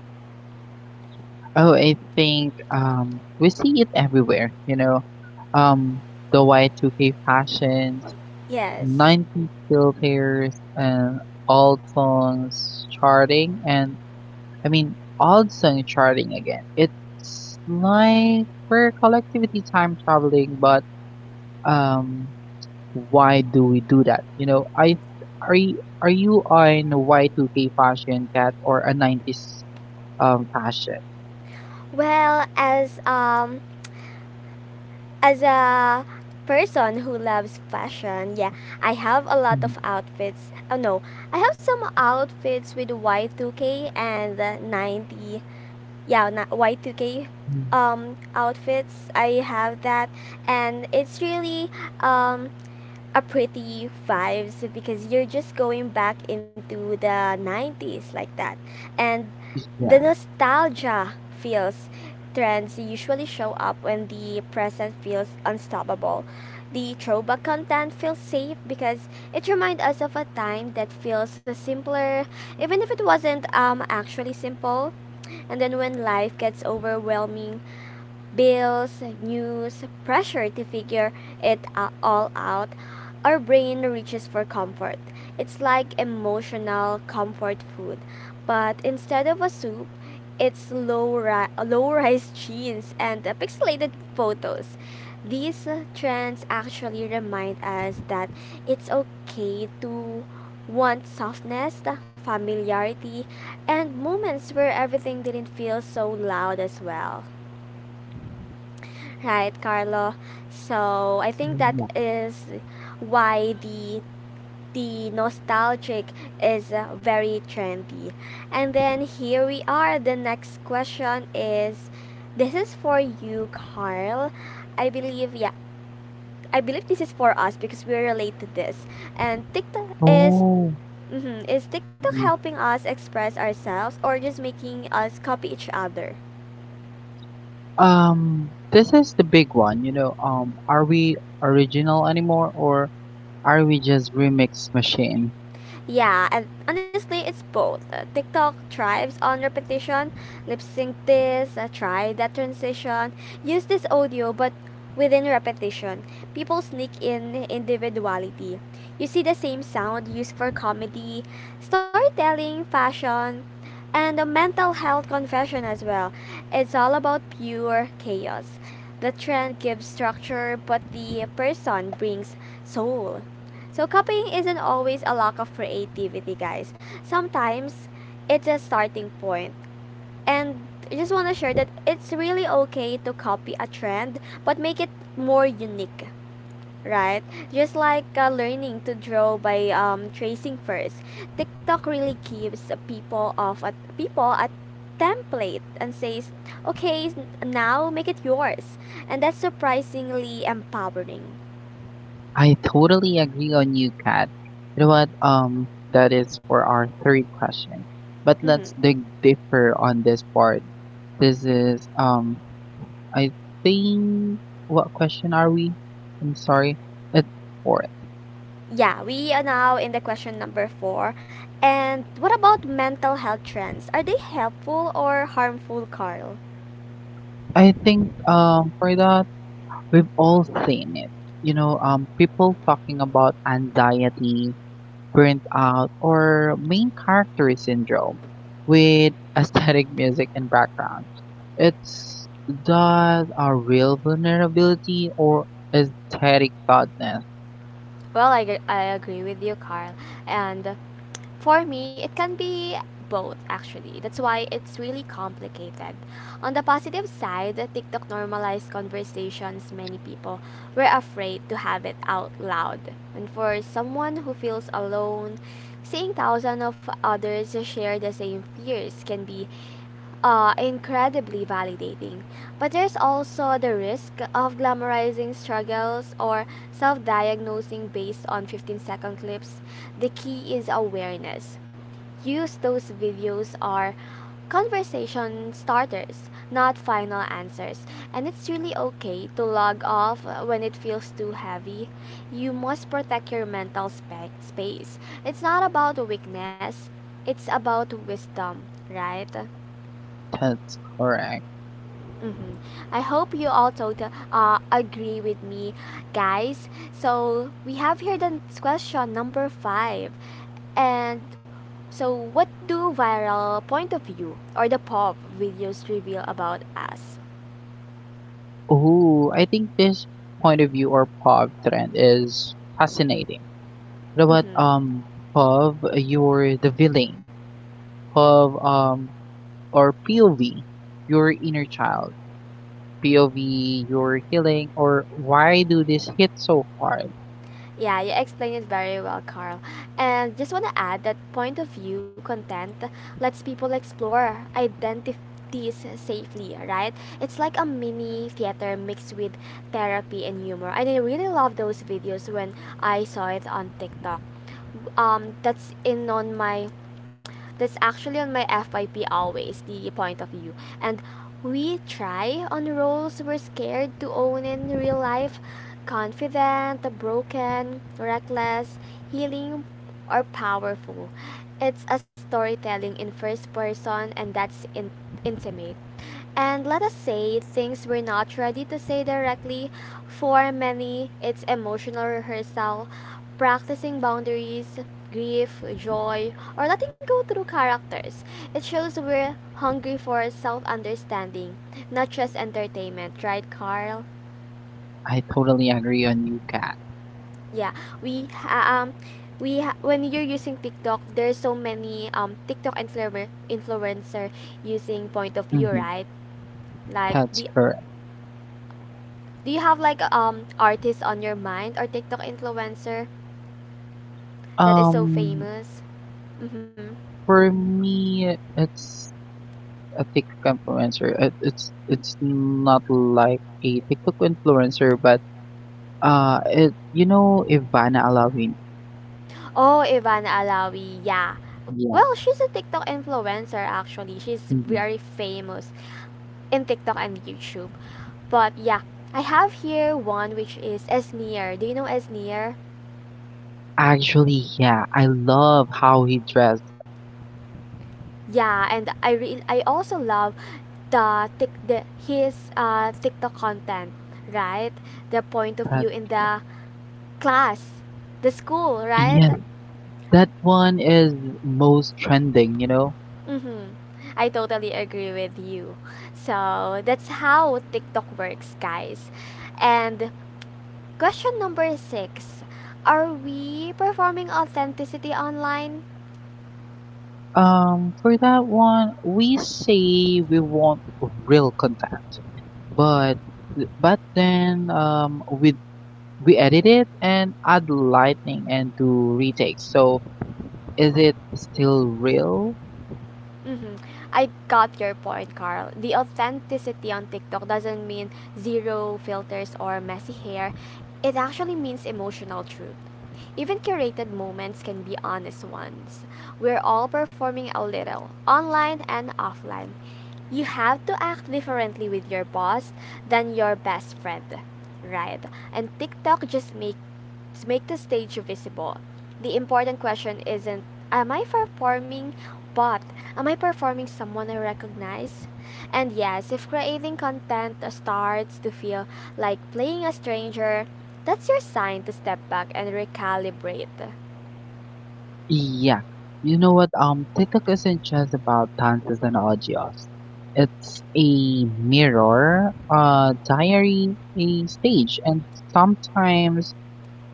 Speaker 2: Oh, I think we see it everywhere. You know, um, the Y2K fashion,
Speaker 1: Yes.
Speaker 2: 90 still pairs and all songs charting and all song charting again. It's like we're collectivity time traveling, but um why do we do that? You know, I are you on Y2K fashion cat or a 90s fashion?
Speaker 1: Well, as a person who loves fashion, yeah, I have a lot of
Speaker 2: Mm,
Speaker 1: outfits. Oh no, I have some outfits with Y2K and the 90s. Yeah, Y2K
Speaker 2: mm,
Speaker 1: outfits. I have that and it's really um a pretty vibes because you're just going back into the 90s like that. And
Speaker 2: yeah.
Speaker 1: The nostalgia feels trends usually show up when the present feels unstoppable. The throwback content feels safe because it reminds us of a time that feels simpler, even if it wasn't actually simple. And then when life gets overwhelming, bills, news, pressure to figure all out, our brain reaches for comfort. It's like emotional comfort food, but instead of a soup, it's low rise [LAUGHS] jeans and pixelated photos. These trends actually remind us that it's okay to want softness, the familiarity, and moments where everything didn't feel so loud as well. Right, Carlo. So I think that
Speaker 2: Yeah.
Speaker 1: is why the nostalgic is very trendy. And then here we are. The next question is, this is for you, Carl. I believe yeah. I believe this is for us because we relate to this. And TikTok is
Speaker 2: Oh.
Speaker 1: mhm, is TikTok
Speaker 2: Mm.
Speaker 1: helping us express ourselves or just making us copy each other?
Speaker 2: This is the big one, you know. Are we original anymore, or are we just remix machine?
Speaker 1: Yeah, and honestly, it's both. TikTok thrives on repetition, lip sync this, try that transition, use this audio, but within repetition, people sneak in individuality. You see the same sound used for comedy, storytelling, fashion, and a mental health confession as well. It's all about pure chaos. The trend gives structure, but the person brings soul. So copying isn't always a lack of creativity, guys. Sometimes it's a starting point. And I just want to share that it's really okay to copy a trend, but make it more unique, right? Just like learning to draw by tracing first. TikTok really gives people of a people a template and says, "Okay, now make it yours." And that's surprisingly empowering.
Speaker 2: I totally agree on you, Kat. You know what? That is for our third question. But
Speaker 1: Mhm.
Speaker 2: let's dig deeper on this part. This is I think what question are we? I'm sorry. It's for
Speaker 1: Yeah, we are now in the question number four. And what about mental health trends? Are they helpful or harmful, Carl?
Speaker 2: I think for that we've all seen it. You know, people talking about anxiety, burnt out, or main character syndrome with [LAUGHS] aesthetic music and background. It's does a real vulnerability or aesthetic thoughtness.
Speaker 1: Well, I agree with you, Carl. And for me, it can be both, actually. That's why it's really complicated. On the positive side, TikTok normalized conversations many people were afraid to have it out loud. And for someone who feels alone, seeing thousands of others share the same fears can be incredibly validating. But there's also the risk of glamorizing struggles or self diagnosing based on 15-second clips. The key is awareness. Use those videos are conversation starters, not final answers. And it's really okay to log off when it feels too heavy. You must protect your space. It's not about weakness, it's about wisdom, right?
Speaker 2: That's correct.
Speaker 1: hmm I hope you all total agree with me, guys. So we have here the question number five, and so what do viral point of view or the pop videos reveal about us?
Speaker 2: Ooh, I think this point of view or pop trend is fascinating. What about
Speaker 1: hmm
Speaker 2: pub you're the villain, pub or POV, your inner child. POV, your healing, or why do this hit so hard?
Speaker 1: Yeah, you explained it very well, Carl. And just want to add that point of view content lets people explore identities safely, right? It's like a mini theater mixed with therapy and humor. And I really love those videos when I saw it on TikTok. Um, that's in on my that's actually on my FYP always, the point of view. And we try on roles we're scared to own in real life confident, broken, reckless, healing, or powerful. It's a storytelling in first person, and intimate. And let us say things we're not ready to say directly. For many, it's emotional rehearsal, practicing boundaries, grief, joy, or letting go through characters. It shows we're hungry for self understanding, not just entertainment, right, Carl?
Speaker 2: I totally agree on you, Kat.
Speaker 1: Yeah, we ha- um when you're using TikTok, there's so many TikTok influencer using point of view,
Speaker 2: Hmm.
Speaker 1: right? Like
Speaker 2: That's
Speaker 1: the
Speaker 2: correct.
Speaker 1: Do you have like artist on your mind or TikTok influencer that is so
Speaker 2: Um,
Speaker 1: famous? Mm-hmm.
Speaker 2: for me, it's a TikTok influencer. It's not like a TikTok influencer, but it you know Ivana Alawin.
Speaker 1: Oh, Ivana Alawi. Yeah. Well,
Speaker 2: Yeah,
Speaker 1: she's a TikTok influencer actually. She's
Speaker 2: mhm.
Speaker 1: very famous in TikTok and YouTube. But yeah, I have here one which is Esneer. Do you know Esneer?
Speaker 2: Actually, yeah, I love how he dressed.
Speaker 1: Yeah, and I also love the his TikTok content, right? The point of
Speaker 2: That
Speaker 1: view in the class, the school, right?
Speaker 2: yes, that one is most trending. You know,
Speaker 1: Mhm. I totally agree with you. So that's how TikTok works, guys. And question number six. Are we performing authenticity online?
Speaker 2: For that one, we say we want real content, but but then we edit it and add lightning and do retakes. So is it still real?
Speaker 1: Mm-hmm. I got your point, Carl. The authenticity on TikTok doesn't mean zero filters or messy hair. It actually means emotional truth. Even curated moments can be honest ones. We're all performing a little, online and offline. You have to act differently with your boss than your best friend, right? And TikTok just makes. To make the stage visible, the important question isn't am I performing, but am I performing someone I recognize? And yes, if creating content starts to feel like playing a stranger, that's your sign to step back and recalibrate.
Speaker 2: Yeah. You know what? TikTok isn't just about dances and audios. It's a mirror, a diary, a stage, and sometimes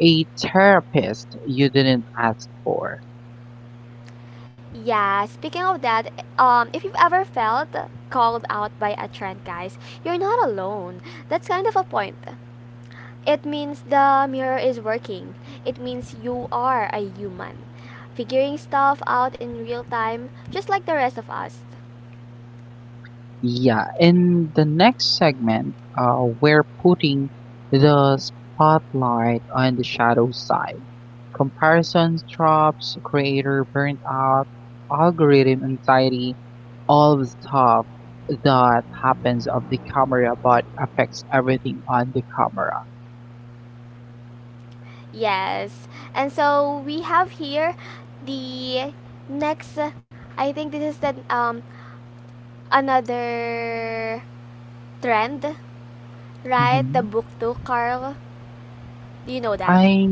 Speaker 2: a therapist you didn't ask for.
Speaker 1: Yeah, speaking of that, if you've ever felt called out by a trend, guys, you're not alone. That's kind of a point. It means the mirror is working. It means you are a human, figuring stuff out in real time, just like the rest of us.
Speaker 2: Yeah, in the next segment, we're putting the spotlight on the shadow side. Comparison traps, creator burnout, algorithm anxiety, all the stuff that happens off the camera but affects everything on the camera.
Speaker 1: Yes. And so we have here the next. I think this is the another trend, right? The
Speaker 2: Hmm.
Speaker 1: book to Carl. Do you know that?
Speaker 2: I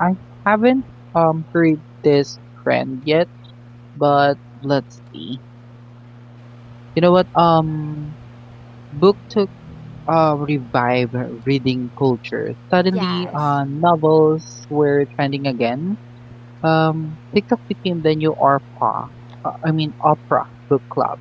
Speaker 2: I haven't heard this trend yet, but let's see. You know what? BookTube revive reading culture. Suddenly,
Speaker 1: Yes.
Speaker 2: novels were trending again. TikTok became the new ORPA, Opera Book Club,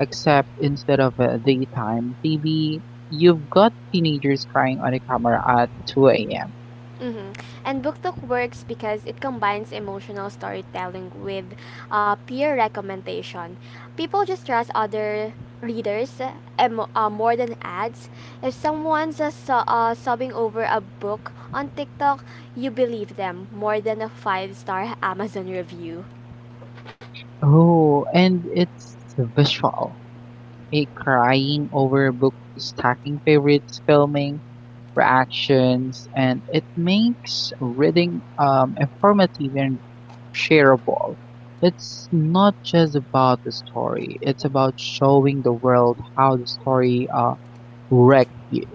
Speaker 2: except instead of daytime TV, you've got teenagers crying on a camera at 2 a.m.
Speaker 1: Mm-hmm. And book talk works because it combines emotional storytelling with peer recommendation. People just trust other readers more than ads. If someone's sobbing over a book on TikTok, you believe them more than a five star [LAUGHS] Amazon review.
Speaker 2: Oh, and it's visual. A crying over book stacking favorites filming reactions, and it makes reading informative and shareable. It's not just about the story, it's about showing the world how the story wrecked you.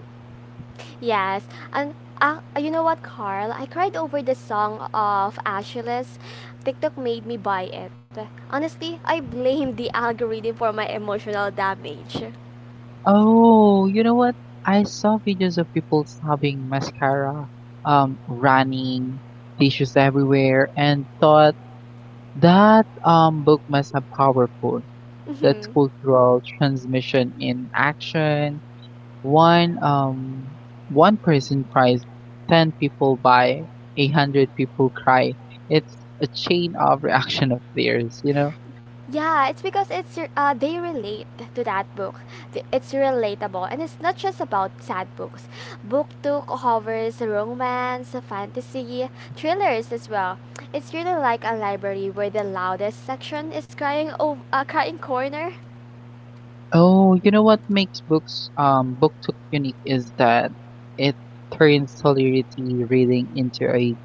Speaker 1: Yes, and you know what, Carl? I cried over the song of Ashless. TikTok made me buy it. Honestly, I blame the algorithm for my emotional damage. [LAUGHS]
Speaker 2: Oh, you know what? I saw videos of people sobbing mascara, running, tissues everywhere, and thought that book must have powerful. That's
Speaker 1: Mhm.
Speaker 2: cultural transmission in action. One um one person cries, 10 people buy, 100 people cry. It's a chain of [LAUGHS] reaction of players, you know.
Speaker 1: Yeah, it's because it's they relate to that book. It's relatable, and it's not just about sad books. Book two covers romance, fantasy, thrillers as well. It's really like a library where the loudest section is crying corner.
Speaker 2: Oh, you know what makes books BookTok unique is that it turns solidarity reading into a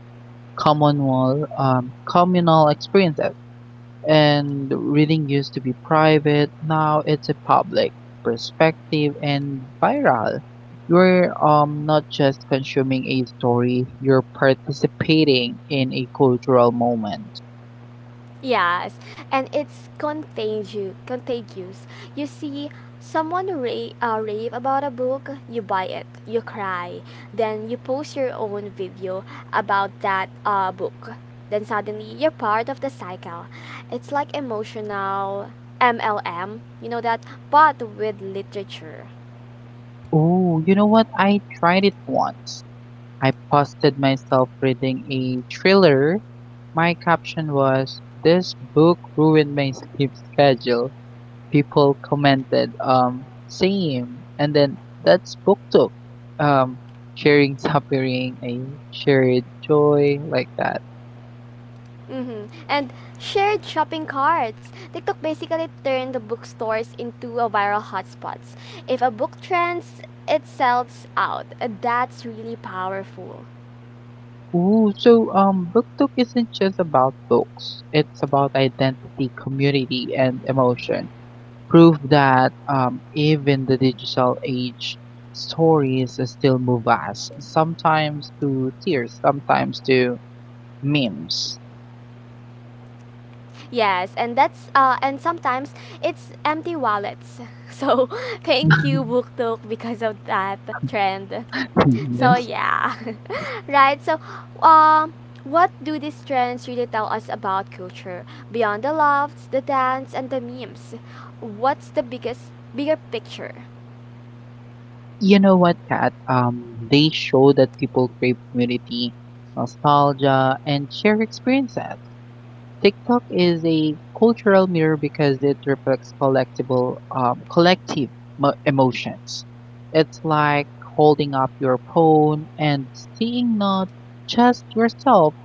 Speaker 2: communal experience. And reading used to be private, now it's a public perspective and viral. You're not just consuming a story, you're participating in a cultural moment.
Speaker 1: Yes, and it's Contagious. You see someone rave about a book, you buy it, you cry, then you post your own video about that book. Then suddenly you're part of the cycle. It's like emotional MLM, you know that, but with literature.
Speaker 2: Oh, you know what? I tried it once. I posted myself reading a thriller. My caption was this book ruined my sleep schedule. People commented same, and then that's buktok, um sharing suffering a shared joy like that.
Speaker 1: Mm-hmm. And shared shopping carts. TikTok basically turned the bookstores into a viral hotspots. If a book trends, it sells out. That's really powerful.
Speaker 2: Ooh, so buktok isn't just about books, it's about identity, community, and emotion, proof that even the digital age stories still move us, sometimes to tears, sometimes to memes.
Speaker 1: Yes, and that's and sometimes it's empty wallets. [LAUGHS] So thank you
Speaker 2: [LAUGHS]
Speaker 1: BookTok because of that trend. So
Speaker 2: Yes.
Speaker 1: yeah. [LAUGHS] Right, so um, what do these trends really tell us about culture beyond the lofts the dance and the memes, what's the biggest bigger picture?
Speaker 2: You know what, Kat? They show that people crave community, nostalgia, and shared experiences. TikTok is a cultural mirror because it reflects collective emotions. It's like holding up your phone and seeing not just yourself,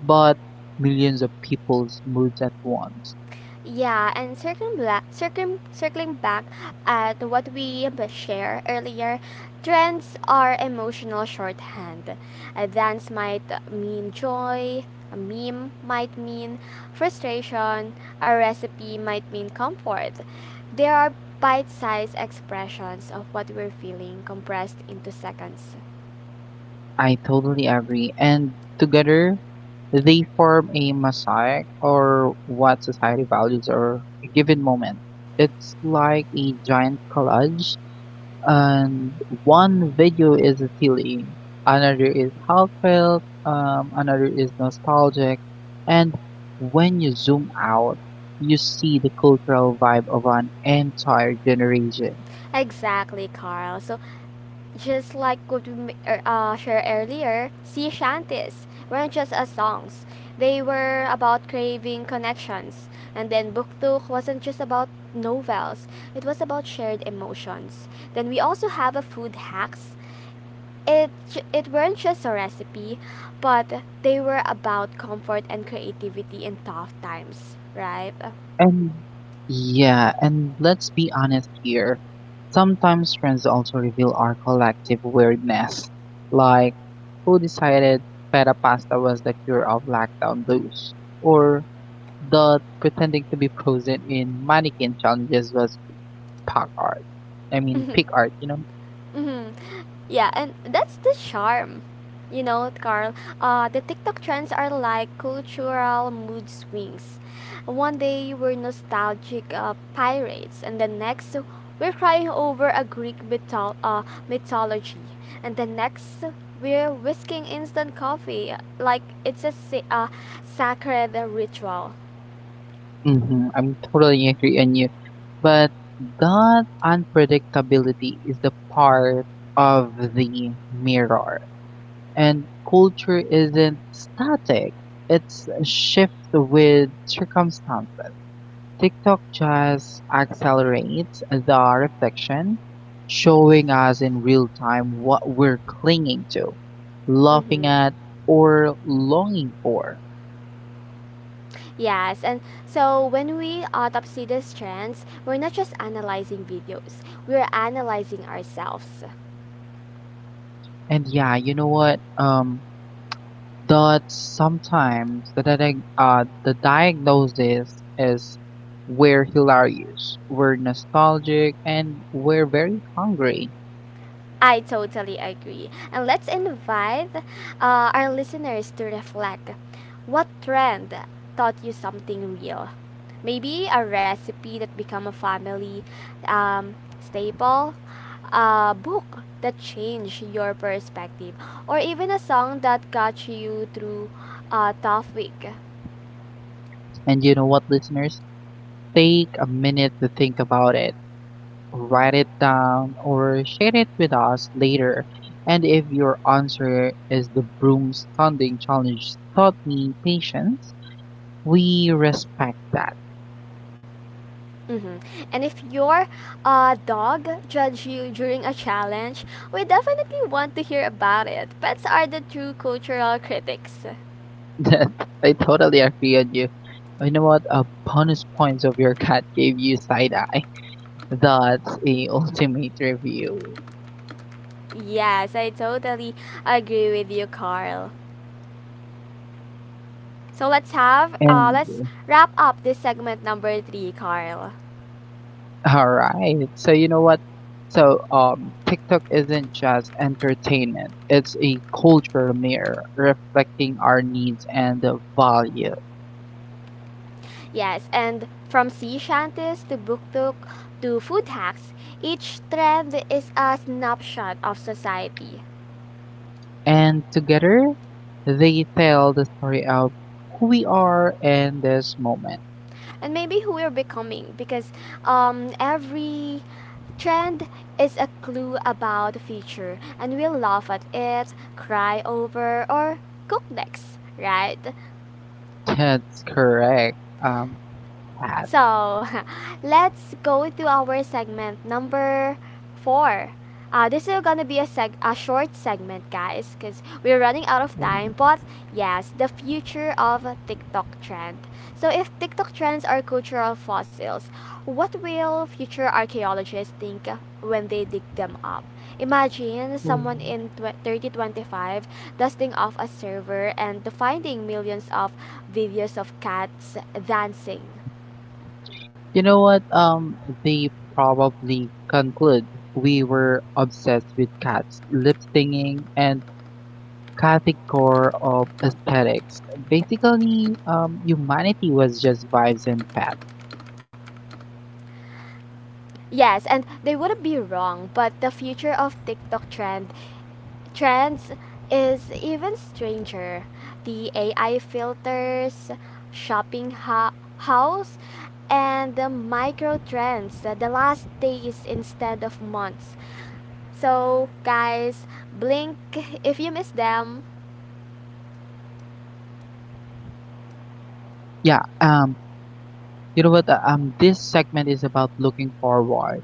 Speaker 2: but millions of people's moods at once.
Speaker 1: Yeah, and circling back at what we share earlier, trends are emotional shorthand. A dance might mean joy, a meme might mean frustration, a recipe might mean comfort. There are bite-sized expressions of what we're feeling compressed into seconds.
Speaker 2: I totally agree. And together, they form a mosaic or what society values or a given moment. It's like a giant collage, and one video is silly, another is heartfelt, another is nostalgic, and when you zoom out, you see the cultural vibe of an entire generation.
Speaker 1: Exactly, Carl. So just like what we shared earlier, sea shanties weren't just as songs. They were about craving connections. And then Buktuk wasn't just about novels, it was about shared emotions. Then we also have a food hacks. It weren't just a recipe, but they were about comfort and creativity in tough times, right?
Speaker 2: And yeah, and let's be honest here. Sometimes trends also reveal our collective weirdness. Like, who decided feta pasta was the cure of lockdown blues? Or the pretending to be frozen in mannequin challenges was pack art. Pick
Speaker 1: [LAUGHS]
Speaker 2: art, you know?
Speaker 1: Mm-hmm. Yeah, and that's the charm. You know, Carl, the TikTok trends are like cultural mood swings. One day we're nostalgic pirates, and the next we're crying over a Greek mythology, and the next we're whisking instant coffee like it's a sacred ritual.
Speaker 2: Mm-hmm, I'm totally agree on you. But that unpredictability is the part of the mirror. And culture isn't static, it's a shift with circumstances. TikTok just accelerates the reflection, showing us in real time what we're clinging to, laughing
Speaker 1: Mm-hmm.
Speaker 2: at, or longing for.
Speaker 1: Yes, and so when we autopsy these trends, we're not just analyzing videos, we're analyzing ourselves.
Speaker 2: And yeah, you know what? That sometimes the diagnosis is we're hilarious, we're nostalgic, and we're very hungry.
Speaker 1: I totally agree. And let's invite our listeners to reflect what trend taught you something real? Maybe a recipe that became a family um, staple, a book that changed your perspective, or even a song that got you through a tough week.
Speaker 2: And you know what, listeners? Take a minute to think about it, write it down, or share it with us later. And if your answer is the broom standing challenge taught me patience, we respect that. [LAUGHS]
Speaker 1: hmm And if your dog judge you during a challenge, we definitely want to hear about it. Pets are the true cultural critics.
Speaker 2: That I totally agree on you. You know what? A bonus points of your cat gave you side eye. That's a [LAUGHS] ultimate review.
Speaker 1: Yes, I totally agree with you, Carl. So
Speaker 2: And
Speaker 1: let's wrap up this segment number three, Carl.
Speaker 2: all right. So you know what? So TikTok isn't just entertainment. It's a cultural mirror reflecting our needs and the value.
Speaker 1: Yes, and from sea shanties to buktuk to food hacks, each trend is a snapshot of society.
Speaker 2: And together they tell the story of who we are in this moment.
Speaker 1: And maybe who we're becoming because every trend is a clue about the future and we'll laugh at it, cry over, or cook next, right?
Speaker 2: That's correct. Um Pat.
Speaker 1: So [LAUGHS] let's go to our segment number four. This is gonna be a short segment, guys, because we're running out of time. But yes, the future of TikTok trend. So if TikTok trends are cultural fossils, what will future archaeologists think when they dig them up? Imagine someone in 3025 dusting off a server and finding millions of videos of cats dancing.
Speaker 2: You know what? They probably conclude we were obsessed with cats lip singing and category of aesthetics. Basically, humanity was just vibes and path.
Speaker 1: Yes, and they wouldn't be wrong, but the future of TikTok trends is even stranger. The AI filters, shopping house, and the micro trends, the last days instead of months. So, guys, blink if you miss them.
Speaker 2: Yeah. You know what? This segment is about looking forward.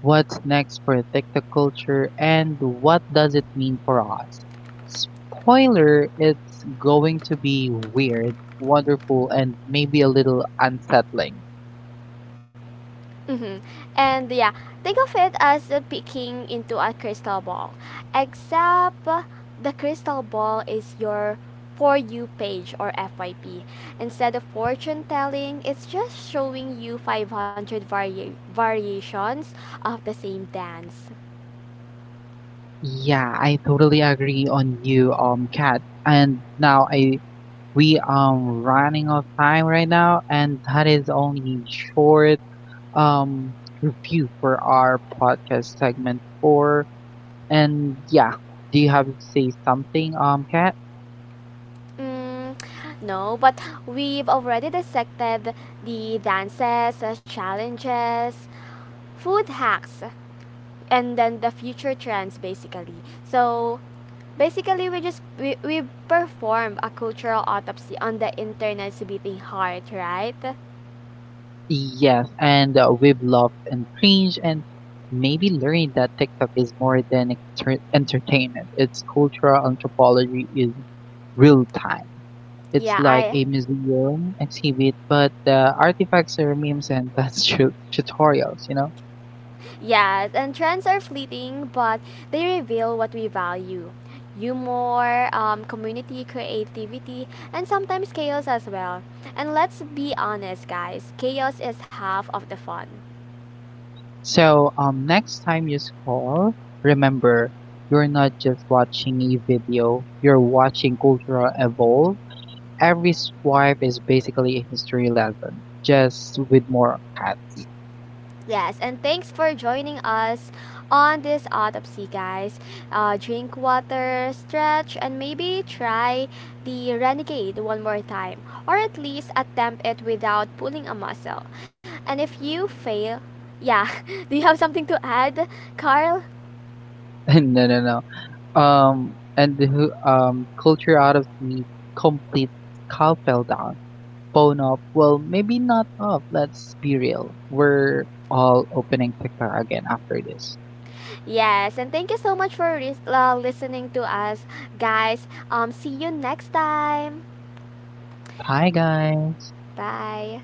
Speaker 2: What's next for TikTok culture, and what does it mean for us? Spoiler: it's going to be weird, wonderful, and maybe a little unsettling.
Speaker 1: hmm And yeah, think of it as peeking into a crystal ball, except the crystal ball is your for you page or FYP. Instead of fortune telling, it's just showing you 500 variations of the same dance.
Speaker 2: Yeah, I totally agree on you, Kat. And now I we are running out of time right now, and that is only short um review for our podcast segment 4. And yeah, do you have to say something, Kat?
Speaker 1: Mm, no, but we've already dissected the dances, challenges, food hacks, and then the future trends basically. So basically, we performed a cultural autopsy on the internet's beating heart, right?
Speaker 2: Yes, and we've loved and cringed and maybe learned that TikTok is more than entertainment. It's cultural anthropology in real time. It's
Speaker 1: Yeah,
Speaker 2: like
Speaker 1: I
Speaker 2: a museum exhibit, but the artifacts are memes and [LAUGHS] that's tutorials, you know?
Speaker 1: Yes, and trends are fleeting, but they reveal what we value. Humor, community, creativity, and sometimes chaos as well. And let's be honest, guys, chaos is half of the fun.
Speaker 2: So next time you scroll, remember, you're not just watching a video, you're watching cultural evolve. Every swipe is basically a history lesson, just with more cats.
Speaker 1: Yes, and thanks for joining us on this autopsy, guys. Drink water, stretch, and maybe try the Renegade one more time, or at least attempt it without pulling a muscle. And if you fail, yeah, [LAUGHS] do you have something to add, Carl?
Speaker 2: [LAUGHS] No, no, no. And the culture out of the complete skull fell down, phone up. Well, maybe not up. Let's be real. We're all opening TikTok again after this.
Speaker 1: Yes, and thank you so much for listening to us, guys. See you next time.
Speaker 2: Bye, guys.
Speaker 1: Bye.